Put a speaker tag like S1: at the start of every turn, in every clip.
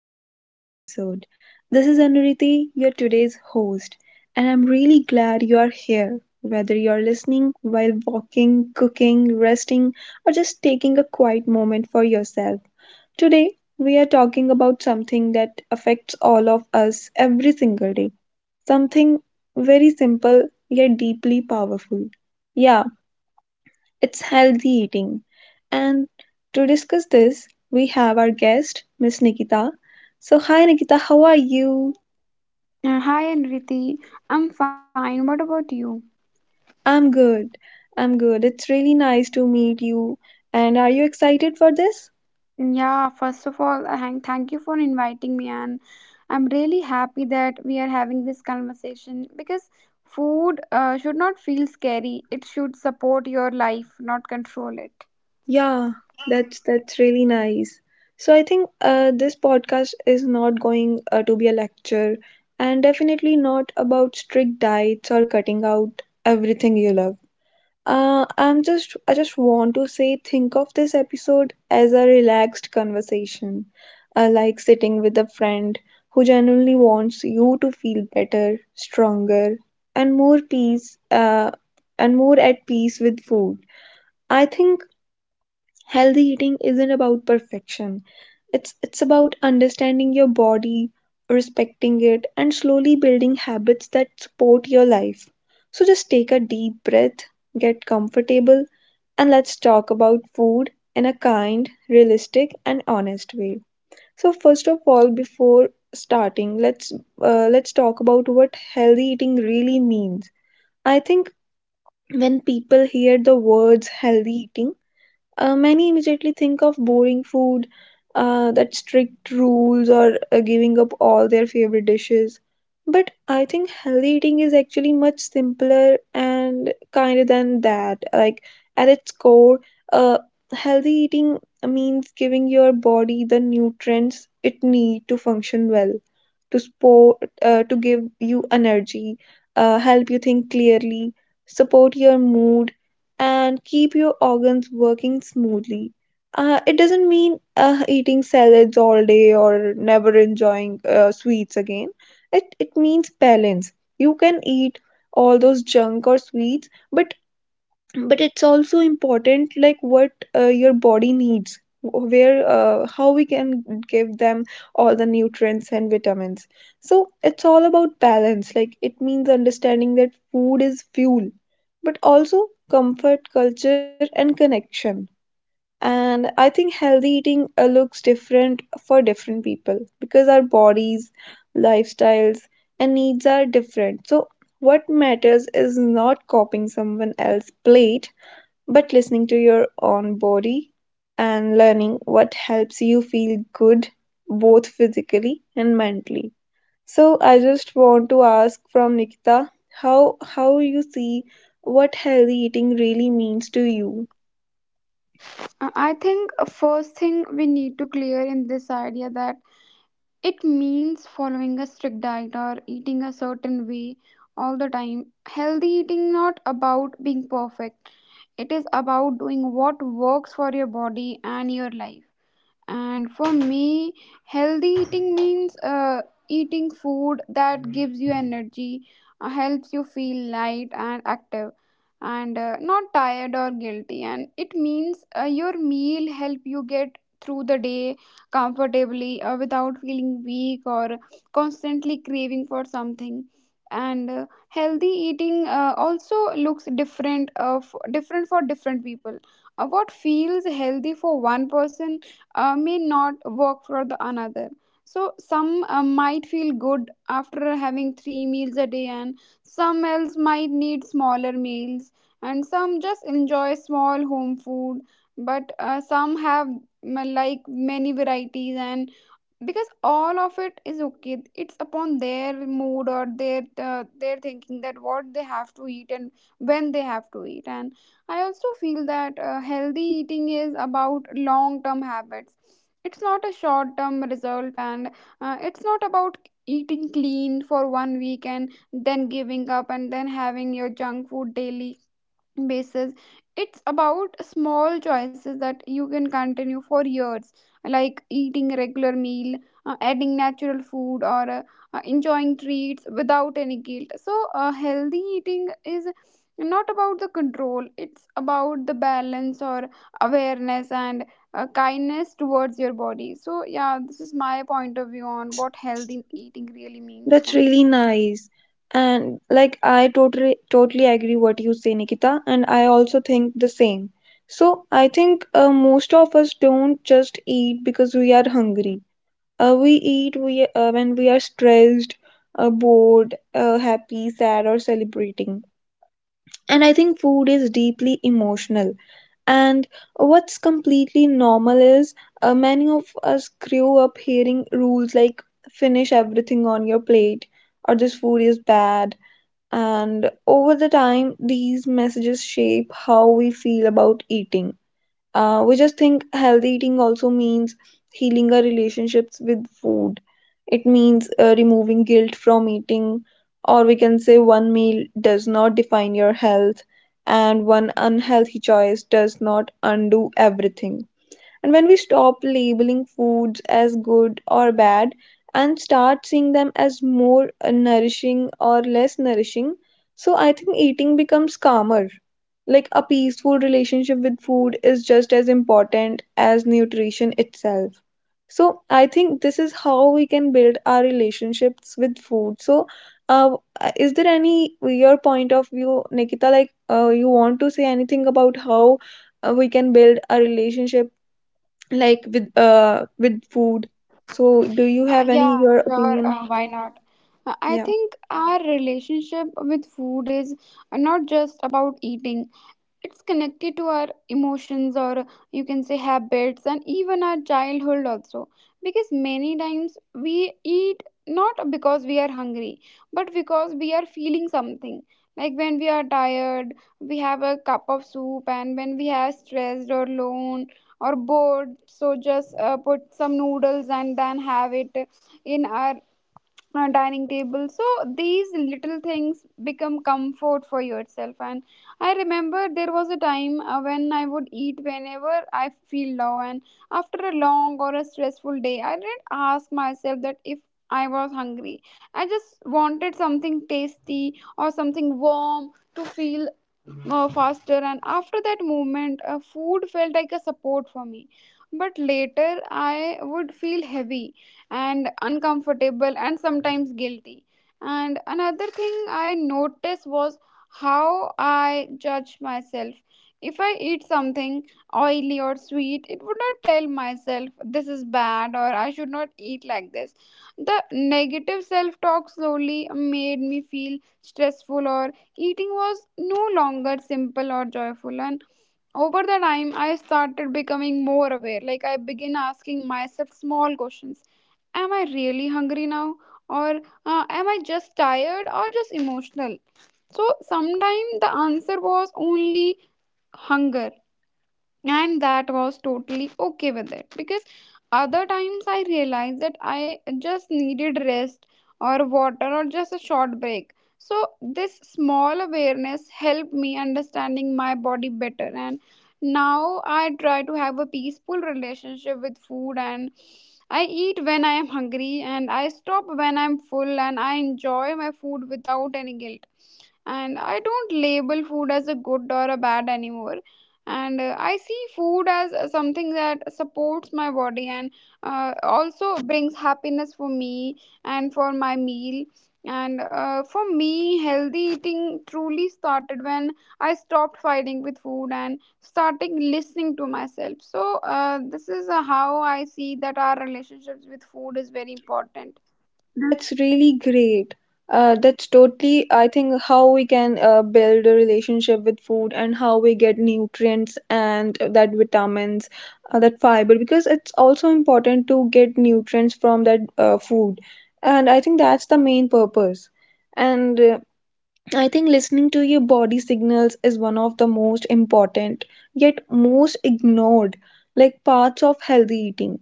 S1: Back to today's episode. This is Anuriti, your today's host, and I'm really glad you are here. Whether you're listening while walking, cooking, resting, or just taking a quiet moment for yourself, today we are talking about something that affects all of us every single day. Something very simple yet deeply powerful. Yeah, it's healthy eating. And to discuss this, we have our guest, Miss Nikita. So, hi Nikita, how are you?
S2: Hi, Anriti. I'm fine. What about you?
S1: I'm good. I'm good. It's really nice to meet you. And are you excited for this?
S2: Yeah, first of all, thank you for inviting me, and I'm really happy that we are having this conversation because food should not feel scary. It should support your life, not control it.
S1: Yeah, that's really nice. So I think this podcast is not going to be a lecture, and definitely not about strict diets or cutting out everything you love. I just want to say, think of this episode as a relaxed conversation, like sitting with a friend who genuinely wants you to feel better, stronger, and more peace, uh, and more at peace with food. I think healthy eating isn't about perfection. It's about understanding your body, respecting it, and slowly building habits that support your life. So just take a deep breath, get comfortable, and let's talk about food in a kind, realistic, and honest way. So first of all, before starting, let's talk about what healthy eating really means. I think when people hear the words healthy eating, many immediately think of boring food, that strict rules, or giving up all their favorite dishes. But I think healthy eating is actually much simpler and kinder than that. Like, at its core, uh, healthy eating means giving your body the nutrients it needs to function well, to give you energy, help you think clearly, support your mood, and keep your organs working smoothly. It doesn't mean eating salads all day or never enjoying sweets again. It means balance. You can eat all those junk or sweets, but it's also important, like, what, your body needs, wh- where how we can give them all the nutrients and vitamins. So it's all about balance. Like, it means understanding that food is fuel, but also comfort, culture, and connection. And I think healthy eating, looks different for different people because our bodies, lifestyles, and needs are different. So what matters is not copying someone else's plate but listening to your own body and learning what helps you feel good, both physically and mentally. So I just want to ask from Nikita, how you see what healthy eating really means to you.
S2: I think first thing we need to clear in this idea that it means following a strict diet or eating a certain way all the time. Healthy eating not about being perfect. It is about doing what works for your body and your life. And for me, healthy eating means eating food that gives you energy, helps you feel light and active, and not tired or guilty. And it means your meal help you get through the day comfortably without feeling weak or constantly craving for something. And healthy eating also looks different for different people. What feels healthy for one person may not work for the another. So some might feel good after having three meals a day, and some else might need smaller meals, and some just enjoy small home food, but some have like many varieties. And because all of it is okay, it's upon their mood or their thinking that what they have to eat and when they have to eat. And I also feel that healthy eating is about long term habits. It's not a short term result, and it's not about eating clean for 1 week and then giving up and then having your junk food daily basis. It's about small choices that you can continue for years, like eating a regular meal, adding natural food, or enjoying treats without any guilt. So healthy eating is not about the control. It's about the balance or awareness and kindness towards your body. So yeah, this is my point of view on
S1: that's
S2: what healthy eating really means for
S1: that's
S2: me.
S1: really nice. And, like, I totally agree what you say, Nikita, and I also think the same. So I think, most of us don't just eat because we are hungry. When we are stressed, bored, happy, sad, or celebrating. And I think food is deeply emotional. And what's completely normal is, many of us grew up hearing rules like, finish everything on your plate, or, this food is bad. And over the time, these messages shape how we feel about eating. We just think healthy eating also means healing our relationships with food. It means, removing guilt from eating. Or we can say, one meal does not define your health, and one unhealthy choice does not undo everything. And when we stop labeling foods as good or bad and start seeing them as more nourishing or less nourishing, so I think eating becomes calmer. Like, a peaceful relationship with food is just as important as nutrition itself. So I think this is how we can build our relationships with food. So, uh, is there any your point of view, Nikita? Like, you want to say anything about how, we can build a relationship, like, with food? So do you have any
S2: Yeah,
S1: your
S2: sure.
S1: opinion?
S2: Why not? I
S1: Yeah,
S2: think our relationship with food is not just about eating. It's connected to our emotions, or you can say habits, and even our childhood also, because many times we eat not because we are hungry, but because we are feeling something. Like when we are tired, we have a cup of soup, and when we are stressed or alone or bored, so just put some noodles and then have it in our dining table. So these little things become comfort for yourself. And I remember there was a time when I would eat whenever I feel low, and after a long or a stressful day I didn't ask myself that if I was hungry. I just wanted something tasty or something warm to feel faster, and after that moment food felt like a support for me, but later I would feel heavy and uncomfortable and sometimes guilty. And another thing I noticed was how I judge myself. If I eat something oily or sweet, it would not tell myself this is bad or I should not eat like this. The negative self talk slowly made me feel stressful, or eating was no longer simple or joyful. And over the time I started becoming more aware. Like I begin asking myself small questions. Am I really hungry now? Or am I just tired or just emotional? So sometimes the answer was only hunger, and that was totally okay with it, because other times I realized that I just needed rest or water or just a short break. So this small awareness helped me understanding my body better, and now I try to have a peaceful relationship with food, and I eat when I am hungry and I stop when I'm full and I enjoy my food without any guilt. And I don't label food as a good or a bad anymore. And I see food as something that supports my body and also brings happiness for me and for my meal. And for me, healthy eating truly started when I stopped fighting with food and starting listening to myself. So this is how I see that our relationships with food is very important.
S1: that's really great. That's totally, I think, how we can, build a relationship with food and how we get nutrients and that vitamins, that fiber, because it's also important to get nutrients from that, food. And I think that's the main purpose. And, I think listening to your body signals is one of the most important, yet most ignored, like, parts of healthy eating.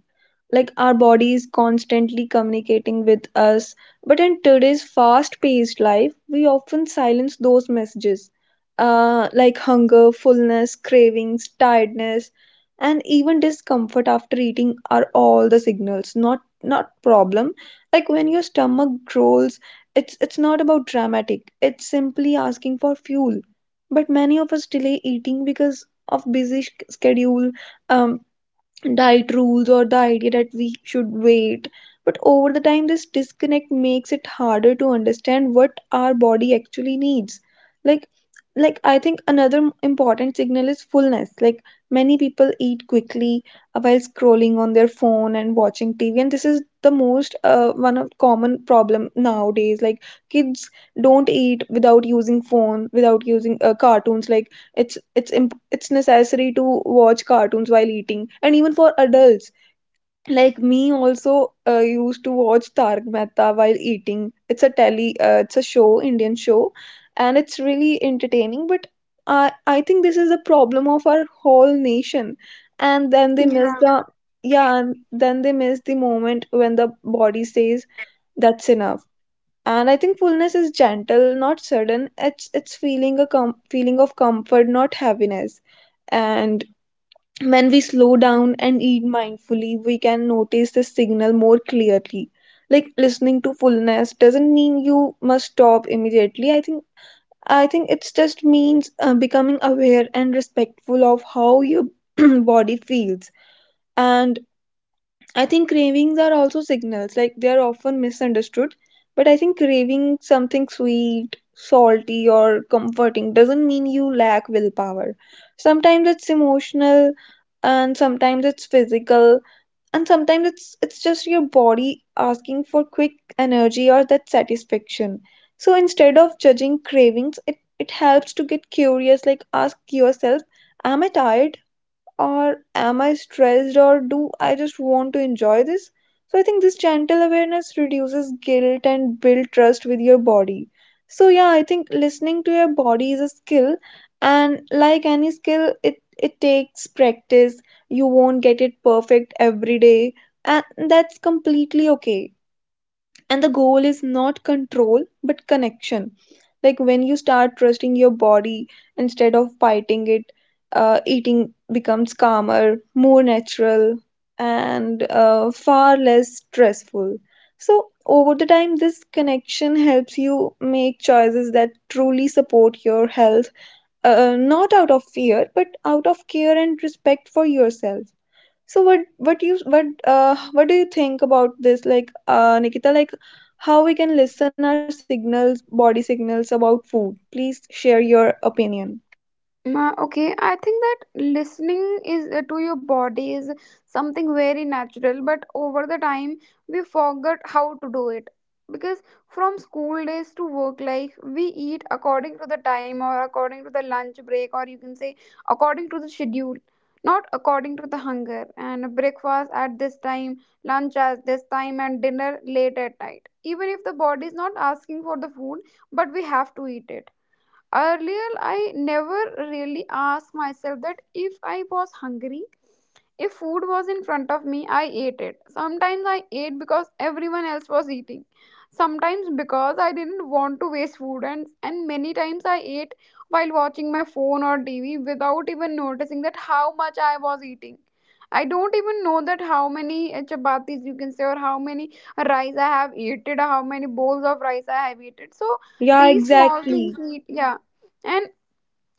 S1: Like, our body is constantly communicating with us, but in today's fast paced life, we often silence those messages, like hunger, fullness, cravings, tiredness, and even discomfort after eating are all the signals, not problem. Like, when your stomach growls, it's not about dramatic. It's simply asking for fuel. But many of us delay eating because of busy schedule, um, diet rules, or the idea that we should wait. But over the time this disconnect makes it harder to understand what our body actually needs. Like, I think another important signal is fullness. Like, many people eat quickly, while scrolling on their phone and watching TV, and this is the most, one of common problem nowadays. Like, kids don't eat without using phone, without using, cartoons. Like, it's necessary to watch cartoons while eating. And even for adults like me also, used to watch Tarak Mehta while eating. It's a show, Indian show, and it's really entertaining. But i I think this is the problem of our whole nation, and then they miss
S2: Yeah.
S1: the. Yeah. And then they miss the moment when the body says, that's enough. And I think fullness is gentle, not sudden. It's feeling of comfort, not heaviness. And when we slow down and eat mindfully, we can notice the signal more clearly. Like, listening to fullness doesn't mean you must stop immediately, I think. It's just means, becoming aware and respectful of how your body feels. And I think cravings are also signals, like, they are often misunderstood. But I think craving something sweet, salty, or comforting doesn't mean you lack willpower. Sometimes it's emotional, and sometimes it's physical, and sometimes it's just your body asking for quick energy or that satisfaction. So instead of judging cravings, it helps to get curious, like, ask yourself, am I tired? Or am I stressed? Or do I just want to enjoy this? So I think this gentle awareness reduces guilt and build trust with your body. So yeah, I think listening to your body is a skill, and like any skill, it takes practice. You won't get it perfect every day, and that's completely okay, and the goal is not control but connection. Like, when you start trusting your body instead of fighting it, eating becomes calmer, more natural, and, far less stressful. So over the time this connection helps you make choices that truly support your health, not out of fear but out of care and respect for yourself. So what do you think about this, like, Nikita, like, how we can listen our signals, body signals, about food? Please share your opinion.
S2: Okay, I think that listening is to your body is something very natural, but over the time we forgot how to do it. Because from school days to work life we eat according to the time or according to the lunch break, or you can say according to the schedule, not according to the hunger. And breakfast at this time, lunch at this time, and dinner late at night, even if the body is not asking for the food, but we have to eat it. Earlier, I never really asked myself that if I was hungry, if food was in front of me, I ate it. Sometimes I ate because everyone else was eating. Sometimes because I didn't want to waste food, and many times I ate while watching my phone or TV without even noticing that how much I was eating. I don't even know that how many chapatis you can say, or how many rice I have eaten, or how many bowls of rice I have eaten. So
S1: Yeah,
S2: these small things
S1: exactly.
S2: need, yeah. And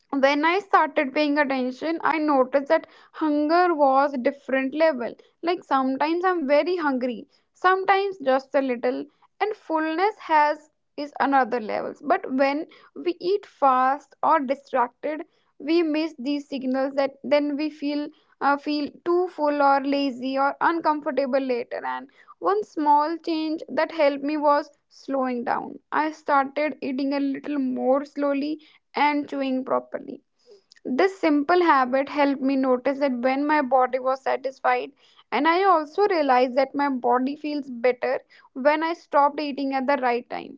S2: when I started paying attention, I noticed that hunger was different level. Like sometimes I'm very hungry, sometimes just a little, and fullness has is another levels. But when we eat fast or distracted, we miss these signals, that then we feel feel too full or lazy or uncomfortable later. And one small change that helped me was slowing down. I started eating a little more slowly and chewing properly. This simple habit helped me notice that when my body was satisfied, and I also realized that my body feels better when I stopped eating at the right time,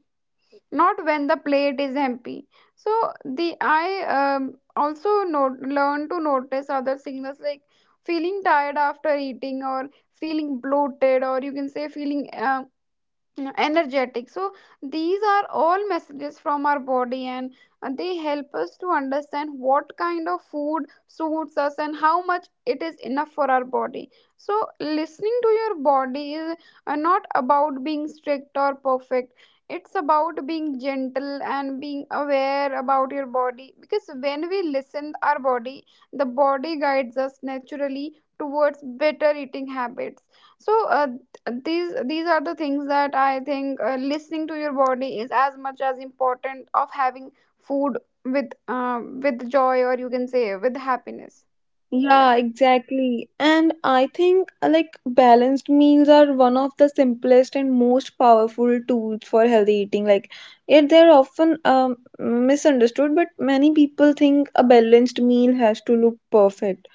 S2: not when the plate is empty. So the I also not, learned to notice other signals, like feeling tired after eating, or feeling bloated, or you can say feeling energetic. So these are all messages from our body, and they help us to understand what kind of food suits us and how much it is enough for our body. So listening to your body is not about being strict or perfect. It's about being gentle and being aware about your body, because when we listen our body, the body guides us naturally towards better eating habits. So these are the things that I think listening to your body is as much as important of having food with joy, or you can say with happiness. So
S1: Yeah,
S2: yeah.
S1: exactly. And I think, like, balanced meals are one of the simplest and most powerful tools for healthy eating, like, yet they're often misunderstood. But many people think a balanced meal has to look perfect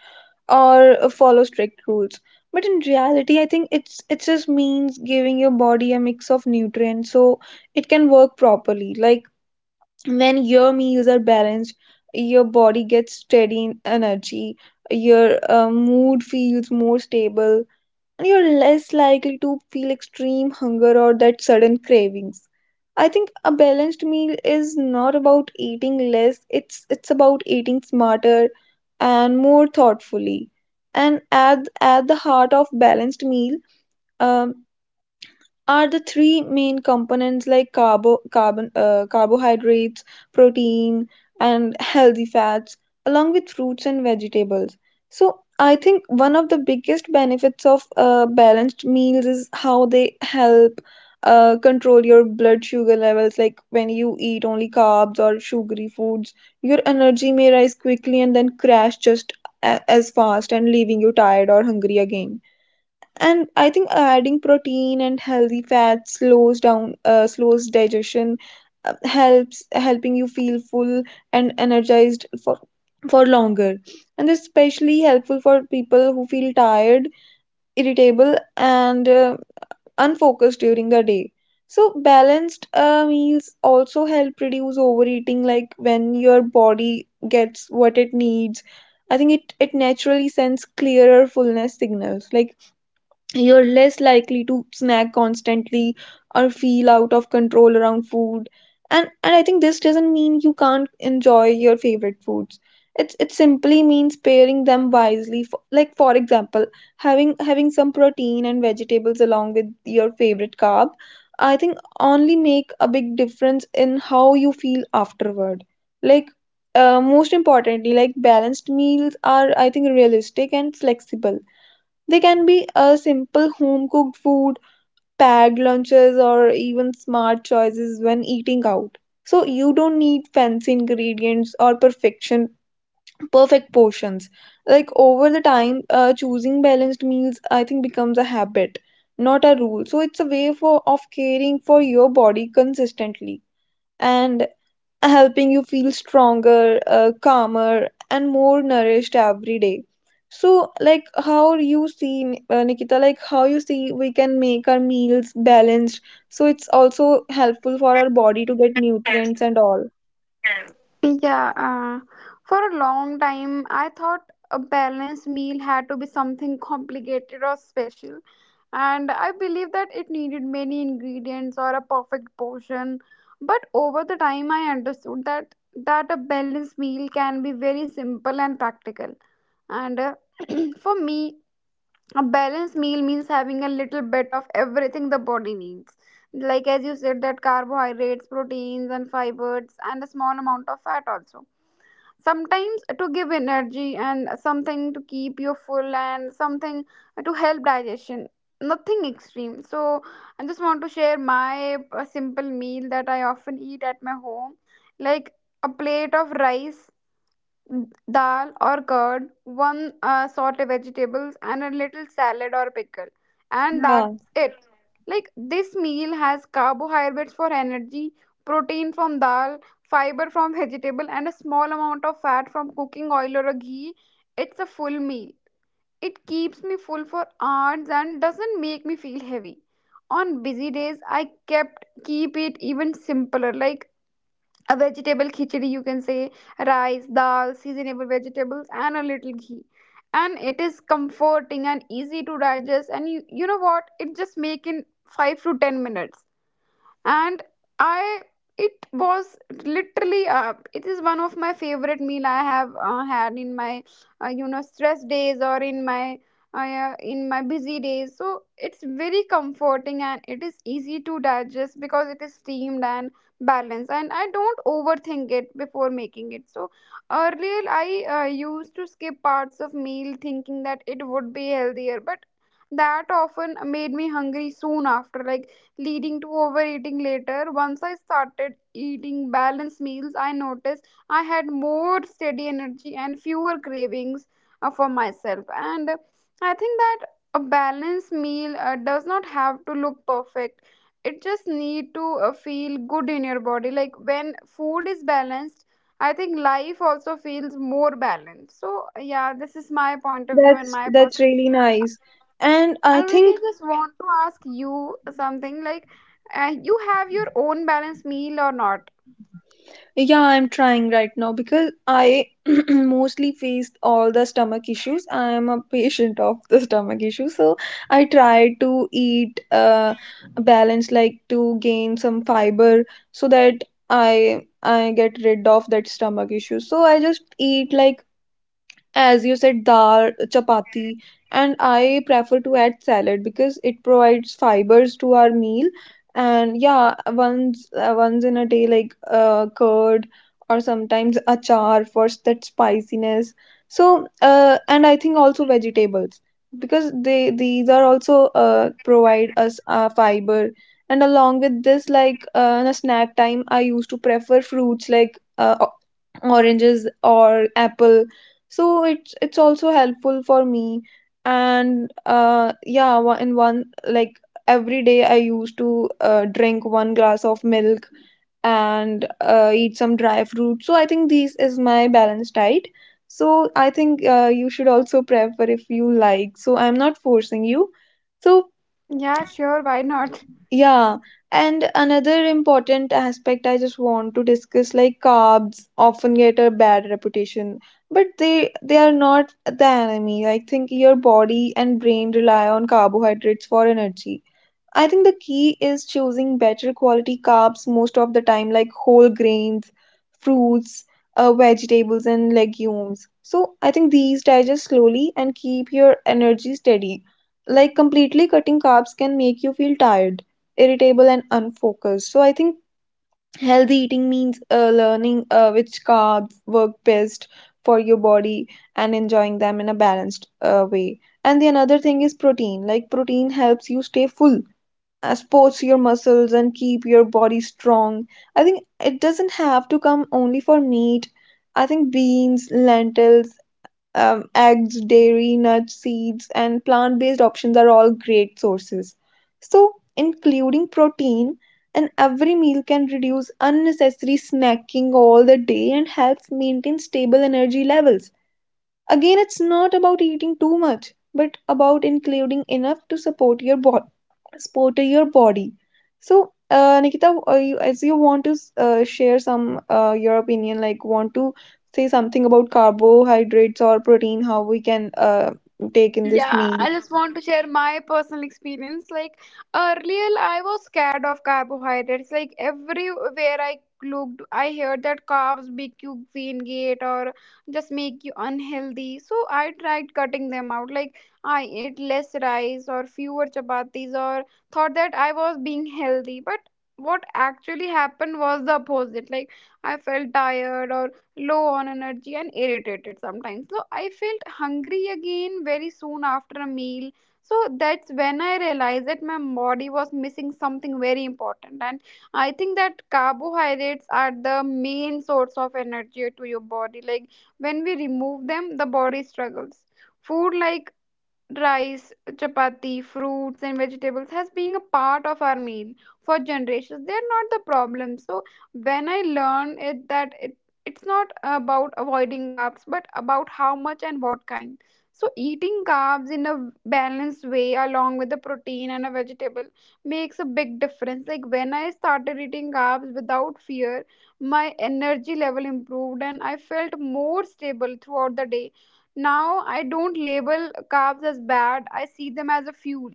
S1: or, follow strict rules. But in reality, I think it just means giving your body a mix of nutrients so it can work properly. Like, when your meals are balanced, your body gets steady in energy, your, mood feels more stable, you're less likely to feel extreme hunger or that sudden cravings. I think a balanced meal is not about eating less, it's about eating smarter and more thoughtfully. And at the heart of balanced meal, um, are the three main components, like, carbohydrates, protein, and healthy fats, along with fruits and vegetables. So, I think one of the biggest benefits of, balanced meals is how they help, control your blood sugar levels. Like, when you eat only carbs or sugary foods, your energy may rise quickly and then crash just as fast, and leaving you tired or hungry again. And I think adding protein and healthy fats slows digestion, helps helping you feel full and energized for longer, and especially helpful for people who feel tired, irritable, and, unfocused during the day. So balanced, meals also help reduce overeating. Like, when your body gets what it needs, I think it naturally sends clearer fullness signals. Like, you're less likely to snack constantly or feel out of control around food. And I think this doesn't mean you can't enjoy your favorite foods. It simply means pairing them wisely. For, having some protein and vegetables along with your favorite carb, I think only make a big difference in how you feel afterward. Like Most importantly, like balanced meals are, I think, realistic and flexible. They can be a simple home cooked food, packed lunches, or even smart choices when eating out. So you don't need fancy ingredients or perfect portions. Like over the time, choosing balanced meals, I think, becomes a habit, not a rule. So it's a way for of caring for your body consistently. And helping you feel stronger, calmer, and more nourished every day. So, Nikita, like how you see, we can make our meals balanced. So, it's also helpful for our body to get nutrients and all.
S2: Yeah, for a long time, I thought a balanced meal had to be something complicated or special. And I believed that it needed many ingredients or a perfect portion. But over the time, I understood that a balanced meal can be very simple and practical. And for me, a balanced meal means having a little bit of everything the body needs. Like as you said, that carbohydrates, proteins, and fibers, and a small amount of fat also sometimes, to give energy and something to keep you full and something to help digestion, nothing extreme. So I just want to share my simple meal that I often eat at my home, like a plate of rice, dal or curd, one sort of vegetables, and a little salad or pickle. And
S1: Yeah, yeah,
S2: that's it. Like this meal has carbohydrates for energy, protein from dal, fiber from vegetable, and a small amount of fat from cooking oil or a ghee. It's a full meal. It keeps me full for hours and doesn't make me feel heavy. On busy days, I kept keep it even simpler, like a vegetable khichdi you can say, rice dal seasonable vegetables and a little ghee, and it is comforting and easy to digest. And you know what, it just make in 5 to 10 minutes. And I it was literally it is one of my favorite meal I have had in my you know stress days, or in my yeah, in my busy days. So it's very comforting and it is easy to digest because it is steamed and balanced, and I don't overthink it before making it. So earlier I used to skip parts of meal thinking that it would be healthier, but that often made me hungry soon after, like leading to overeating later. Once I started eating balanced meals, I noticed I had more steady energy and fewer cravings for myself. And I think that a balanced meal does not have to look perfect. It just need to feel good in your body. Like when food is balanced, I think life also feels more balanced. So yeah, this is my point of view and
S1: that's
S2: my personal.
S1: really nice. And I
S2: And Riti, I
S1: think,
S2: really just want to ask you something, like, you have your own balanced meal or not?
S1: yeah, I'm trying right now because I mostly face all the stomach issues. I am a patient of the stomach issue, so I try to eat balance, like to gain some fiber, so that I get rid of that stomach issue. So I just eat like, as you said, dal chapati, and I prefer to add salad because it provides fibers to our meal. And yeah, once in a day, like curd or sometimes achar for that spiciness. So and I think also vegetables, because they these are also, provide us fiber. And along with this, like in a snack time, I used to prefer fruits like, oranges or apple. So it's also helpful for me. And in one, like every day I used to, drink one glass of milk and, eat some dry fruit. So I think this is my balanced diet. So I think, you should also prefer if you like. So I'm not forcing you. So
S2: Yeah, sure, why not?
S1: yeah, and another important aspect I just want to discuss, like carbs often get a bad reputation, but they are not the enemy. I think your body and brain rely on carbohydrates for energy. I think the key is choosing better quality carbs most of the time, like whole grains, fruits, vegetables, and legumes. So I think these digest slowly and keep your energy steady. Like completely cutting carbs can make you feel tired, irritable, and unfocused. So I think healthy eating means learning which carbs work best for your body and enjoying them in a balanced way. And the another thing is protein. Like protein helps you stay full, sports your muscles, and keep your body strong. I think it doesn't have to come only for meat. I think beans, lentils, eggs, dairy, nuts, seeds, and plant based options are all great sources. So, including protein in every meal can reduce unnecessary snacking all the day and helps maintain stable energy levels. Again, it's not about eating too much, but about including enough to support your body. Support your body. So, Nikita, as you want to share some your opinion, like want to say something about carbohydrates or protein, how we can, take in this
S2: Yeah,
S1: meal.
S2: I just want to share my personal experience. Like earlier, I was scared of carbohydrates. Like everywhere I looked, I heard that carbs make you gain weight or just make you unhealthy. So I tried cutting them out. Like I ate less rice or fewer chapatis, or thought that I was being healthy. But what actually happened was the opposite. Like I felt tired or low on energy and irritated sometimes. So I felt hungry again very soon after a meal. So that's when I realized that my body was missing something very important. And I think that carbohydrates are the main source of energy to your body. Like when we remove them, the body struggles. Food like rice, chapati, fruits, and vegetables has been a part of our meal for generations. They are not the problem. So when I learned it that it's not about avoiding carbs but about how much and what kind. So eating carbs in a balanced way along with the protein and a vegetable makes a big difference. Like when I started eating carbs without fear, my energy level improved and I felt more stable throughout the day. Now I don't label carbs as bad, I see them as a fuel.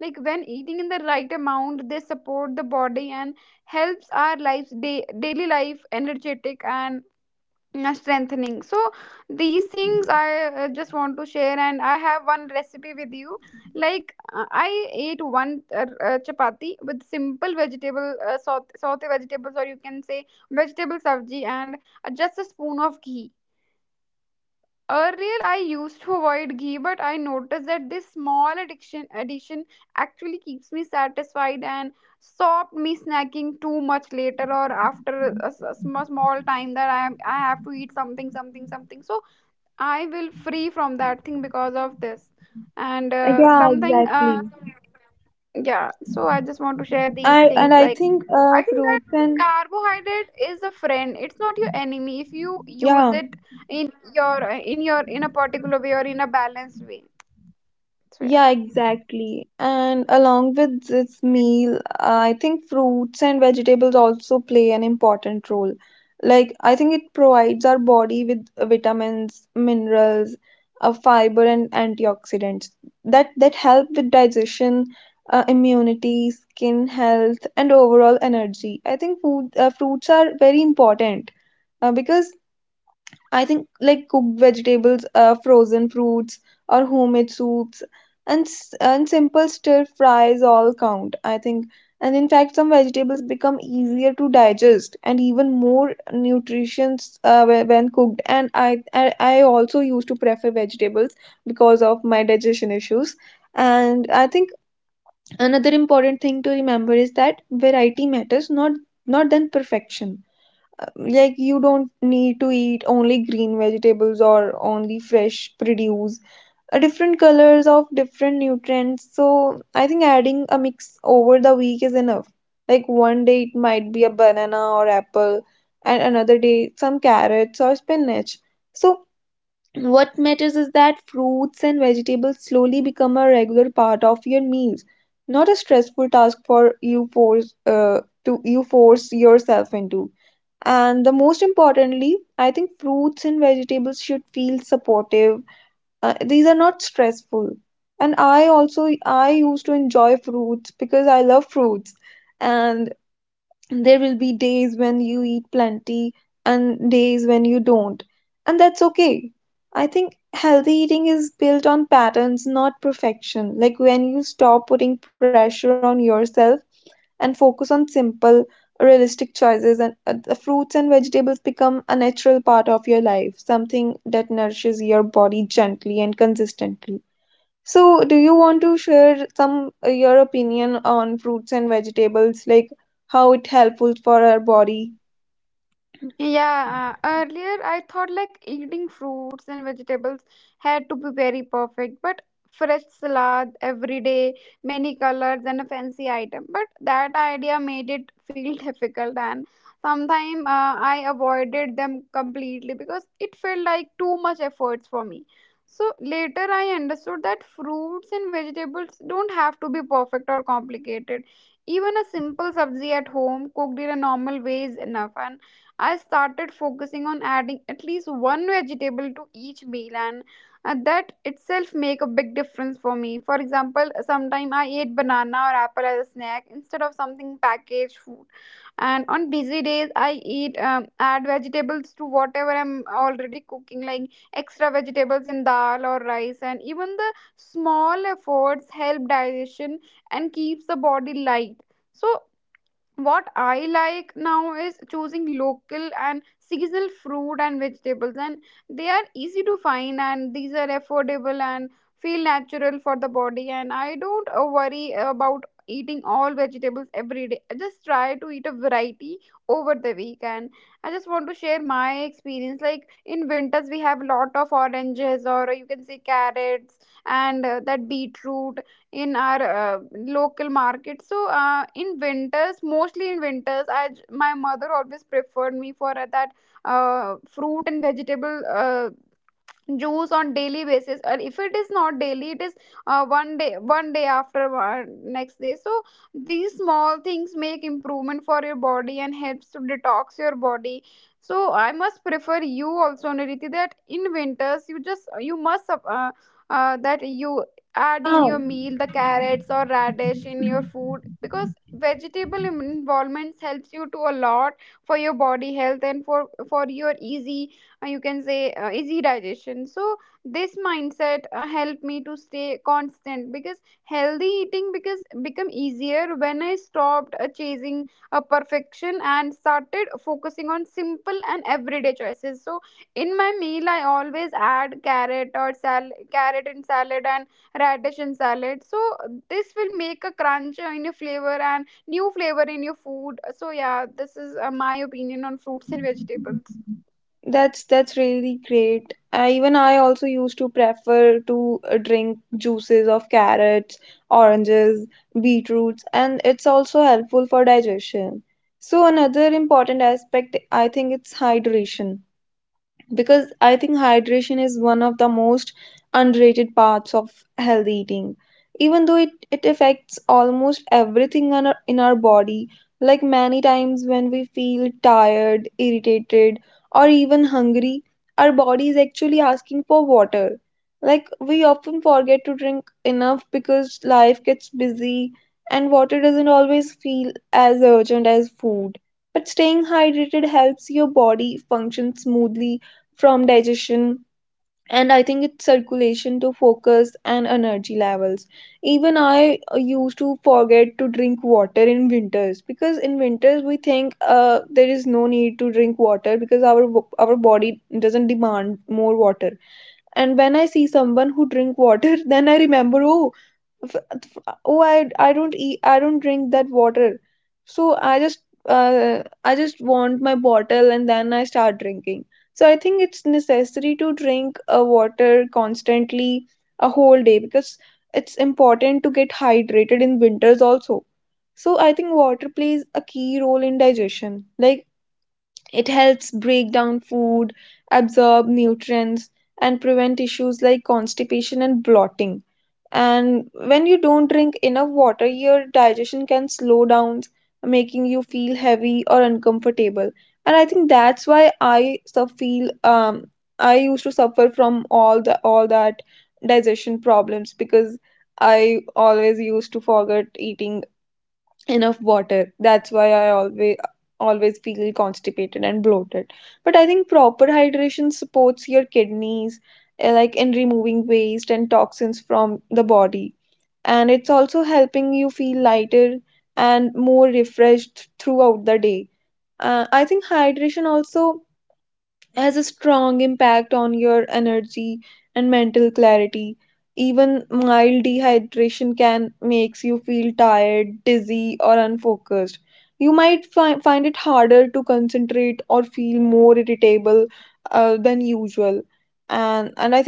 S2: Like when eating in the right amount, they support the body and helps our lives daily life energetic and strengthening. So these things I just want to share and I have one recipe with you. Like I ate one chapati with simple vegetable saute vegetables, or you can say vegetable sabji, and just a spoon of ghee. Earlier, I used to avoid ghee, but I noticed that this small addiction addition actually keeps me satisfied and stopped me snacking too much later or after a small time, that I have to eat something, something, something. So I will free from that thing because of this. And
S1: Yeah, exactly.
S2: yeah, so I just want to share these
S1: I
S2: things.
S1: and I
S2: Like,
S1: think,
S2: I think that
S1: fruits and
S2: carbohydrate is a friend. It's not your enemy if you use
S1: yeah.
S2: it in a particular way or in a balanced way. So yeah.
S1: Yeah, exactly. And along with this meal, I think fruits and vegetables also play an important role. Like, I think it provides our body with vitamins, minerals, fiber, and antioxidants that help with digestion, immunity, skin health, and overall energy. I think food fruits are very important because I think like cooked vegetables, frozen fruits, or homemade soups, and simple stir fries all count. I think, and in fact, some vegetables become easier to digest and even more nutritious when cooked. And I also used to prefer vegetables because of my digestion issues. And I think another important thing to remember is that variety matters, not than perfection. Like you don't need to eat only green vegetables or only fresh produce. Different colors of different nutrients, so I think adding a mix over the week is enough. Like one day it might be a banana or apple, and another day some carrots or spinach. So what matters is that fruits and vegetables slowly become a regular part of your meals, not a stressful task for you force to you force yourself into. And the most importantly, I think fruits and vegetables should feel supportive. These are not stressful. And I used to enjoy fruits because I love fruits. And there will be days when you eat plenty and days when you don't, and that's okay. I think healthy eating is built on patterns, not perfection. Like when you stop putting pressure on yourself and focus on simple, realistic choices, and the fruits and vegetables become a natural part of your life, something that nourishes your body gently and consistently. So, do you want to share some your opinion on fruits and vegetables, like how it helpful for our body?
S2: Yeah, earlier I thought like eating fruits and vegetables had to be very perfect, but fresh salad every day, many colors and a fancy item. But that idea made it feel difficult, and sometimes I avoided them completely because it felt like too much efforts for me. So later I understood that fruits and vegetables don't have to be perfect or complicated. Even a simple sabzi at home cooked in a normal way is enough, and I started focusing on adding at least one vegetable to each meal, and that itself make a big difference for me. For example, sometimes I ate banana or apple as a snack instead of something packaged food. And on busy days, I eat add vegetables to whatever I'm already cooking, like extra vegetables in dal or rice. And even the small efforts help digestion and keeps the body light. So what I like now is choosing local and seasonal fruit and vegetables, and they are easy to find, and these are affordable and feel natural for the body, and I don't worry about eating all vegetables every day. I just try to eat a variety over the week. And I just want to share my experience, like in winters we have lot of oranges, or you can say carrots, and that beetroot in our local market. So in winters, mostly in winters, my mother always preferred me for that fruit and vegetable juice on daily basis, or if it is not daily, it is one day, one day after one, next day. So these small things make improvement for your body and helps to detox your body. So I must prefer you also, Niriti, that in winters you just you must that you add in
S1: Yeah,
S2: your meal the carrots or radish in your food, because vegetable involvements helps you to a lot for your body health and for your easy you can say easy digestion. So this mindset helped me to stay constant, because healthy eating because become easier when I stopped chasing a perfection and started focusing on simple and everyday choices. So in my meal I always add carrot or carrot in salad and radish in salad. So this will make a crunch in your flavor and new flavor in your food. So yeah, this is my opinion on fruits and vegetables.
S1: that's really great. I, even I also used to prefer to drink juices of carrots, oranges, beetroots, and it's also helpful for digestion. So another important aspect, I think, it's hydration, because I think hydration is one of the most underrated parts of healthy eating. Even though it affects almost everything in our body, like many times when we feel tired, irritated, or even hungry, our body is actually asking for water. Like we often forget to drink enough because life gets busy and water doesn't always feel as urgent as food. But staying hydrated helps your body function smoothly, from digestion, and I think it's circulation to focus and energy levels. Even I, used to forget to drink water in winters, because in winters we think, there is no need to drink water because our body doesn't demand more water. And when I see someone who drink water then I remember, oh, oh, I don't drink that water. So I just, I just want my bottle and then I start drinking. So I think it's necessary to drink a water constantly a whole day, because it's important to get hydrated in winters also. So I think water plays a key role in digestion, like it helps break down food, absorb nutrients, and prevent issues like constipation and bloating. And when you don't drink enough water, your digestion can slow down, making you feel heavy or uncomfortable. And I think that's why I so feel, I used to suffer from all that digestion problems because I always used to forget eating enough water. That's why I always feel constipated and bloated. But I think proper hydration supports your kidneys, like in removing waste and toxins from the body. And it's also helping you feel lighter and more refreshed throughout the day. I think hydration also has a strong impact on your energy and mental clarity. Even mild dehydration can makes you feel tired, dizzy, or unfocused. You might find it harder to concentrate or feel more irritable than usual. And I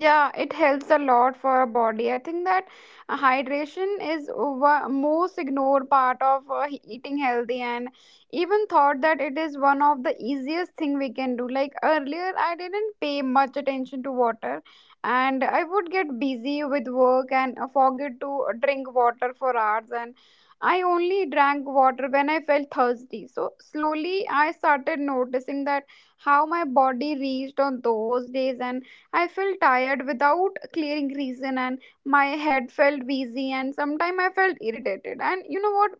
S2: Yeah, it helps a lot for our body. I think that hydration is over, most ignored part of eating healthy, and even thought that it is one of the easiest thing we can do. Like earlier, I didn't pay much attention to water, and I would get busy with work and forget to drink water for hours, and I only drank water when I felt thirsty. So slowly I started noticing that how my body reached on those days, and I felt tired without clearing reason, and my head felt busy and sometimes I felt irritated. And you know what?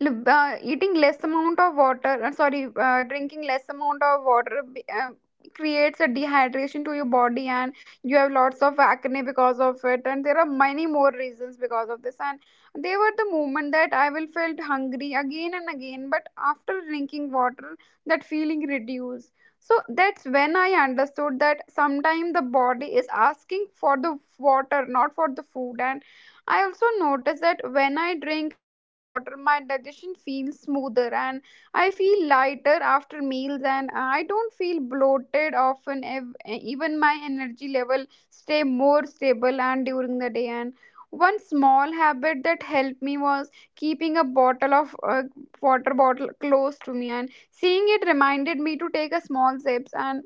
S2: Eating less amount of water, sorry drinking less amount of water creates a dehydration to your body, and you have lots of acne because of it, and there are many more reasons because of this. And they were the moment that I will felt hungry again and again, but after drinking water that feeling reduced. So that's when I understood that sometimes the body is asking for the water, not for the food. And I also notice that when I drink enough water, my digestion feels smoother and I feel lighter after meals, and I don't feel bloated often. Even my energy level stay more stable and during the day. And one small habit that helped me was keeping a bottle of water bottle close to me, and seeing it reminded me to take a small sips, and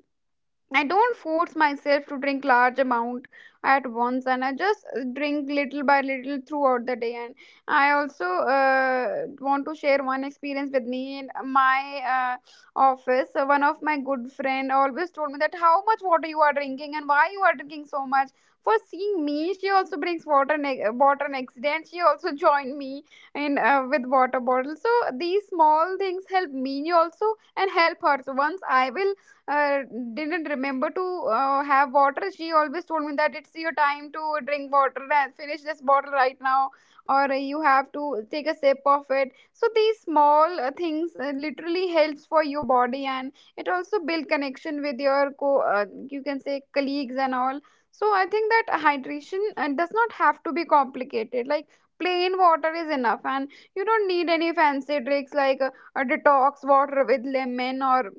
S2: I don't force myself to drink large amount at once, and I just drink little by little throughout the day. And I also want to share one experience with me in my uh, office. So one of my good friend always told me that how much water you are drinking and why you are drinking so much. For seeing me, she also brings water next day, and she also joined me in with water bottle. So these small things help me also and help her. So once I will uh, didn't remember to have water, she always told me that it's your time to drink water and finish this bottle right now, or you have to take a sip of it. So these small things literally helps for your body, and it also build connection with your co you can say colleagues and all. So I think that hydration does not have to be complicated. Like plain water is enough, and you don't need any fancy tricks like a detox water with lemon or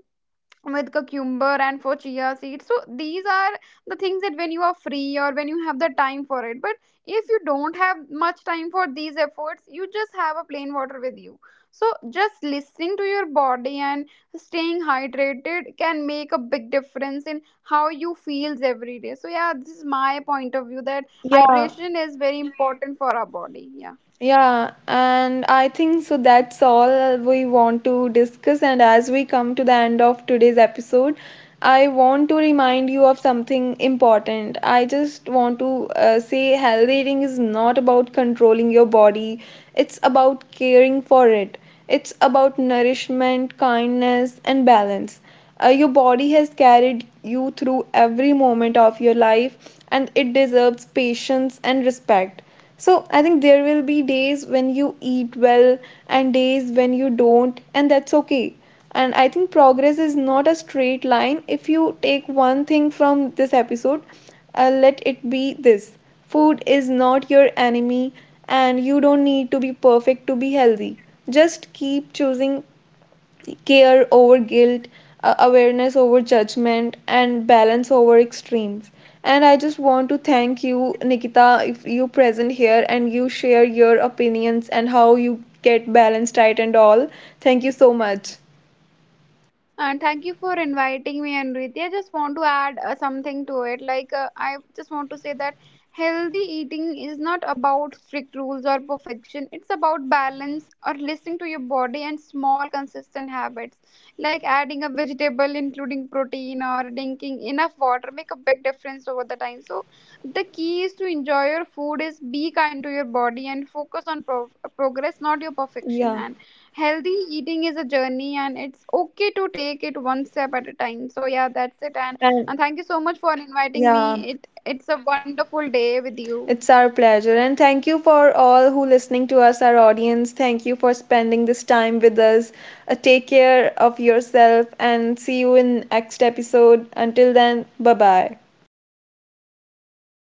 S2: with cucumber and for chia seeds. So these are the things that when you are free or when you have the time for it, but if you don't have much time for these efforts, you just have a plain water with you. So just listening to your body and staying hydrated can make a big difference in how you feels every day. So yeah, this is my point of view, that
S1: yeah,
S2: hydration is very important for our body. Yeah.
S1: yeah, and I think so that's all we want to discuss. And as we come to the end of today's episode, I want to remind you of something important. I just want to say healthy eating is not about controlling your body, it's about caring for it, it's about nourishment, kindness, and balance. Your body has carried you through every moment of your life and it deserves patience and respect. So, I think there will be days when you eat well and days when you don't, and that's okay. And I think progress is not a straight line. If you take one thing from this episode, let it be this: food is not your enemy, and you don't need to be perfect to be healthy. Just keep choosing care over guilt, awareness over judgment, and balance over extremes. And I just want to thank you, Nikita, if you present here and you share your opinions and how you get balanced right and all. Thank you so much.
S2: And thank you for inviting me, Anriti. I just want to add something to it. Like, I just want to say that healthy eating is not about strict rules or perfection. It's about balance or listening to your body and small, consistent habits. Like adding a vegetable, including protein, or drinking enough water make a big difference over the time. So the key is to enjoy your food, is be kind to your body, and focus on progress, not your perfection.
S1: Yeah.
S2: And healthy eating is a journey, and it's okay to take it one step at a time. So yeah, that's it. and
S1: And
S2: and thank you so much for inviting
S1: yeah,
S2: me. It it's a wonderful day with you.
S1: it's our pleasure. And thank you for all who listening to us, our audience. Thank you for spending this time with us. Take care of yourself and see you in next episode. Until then, bye bye.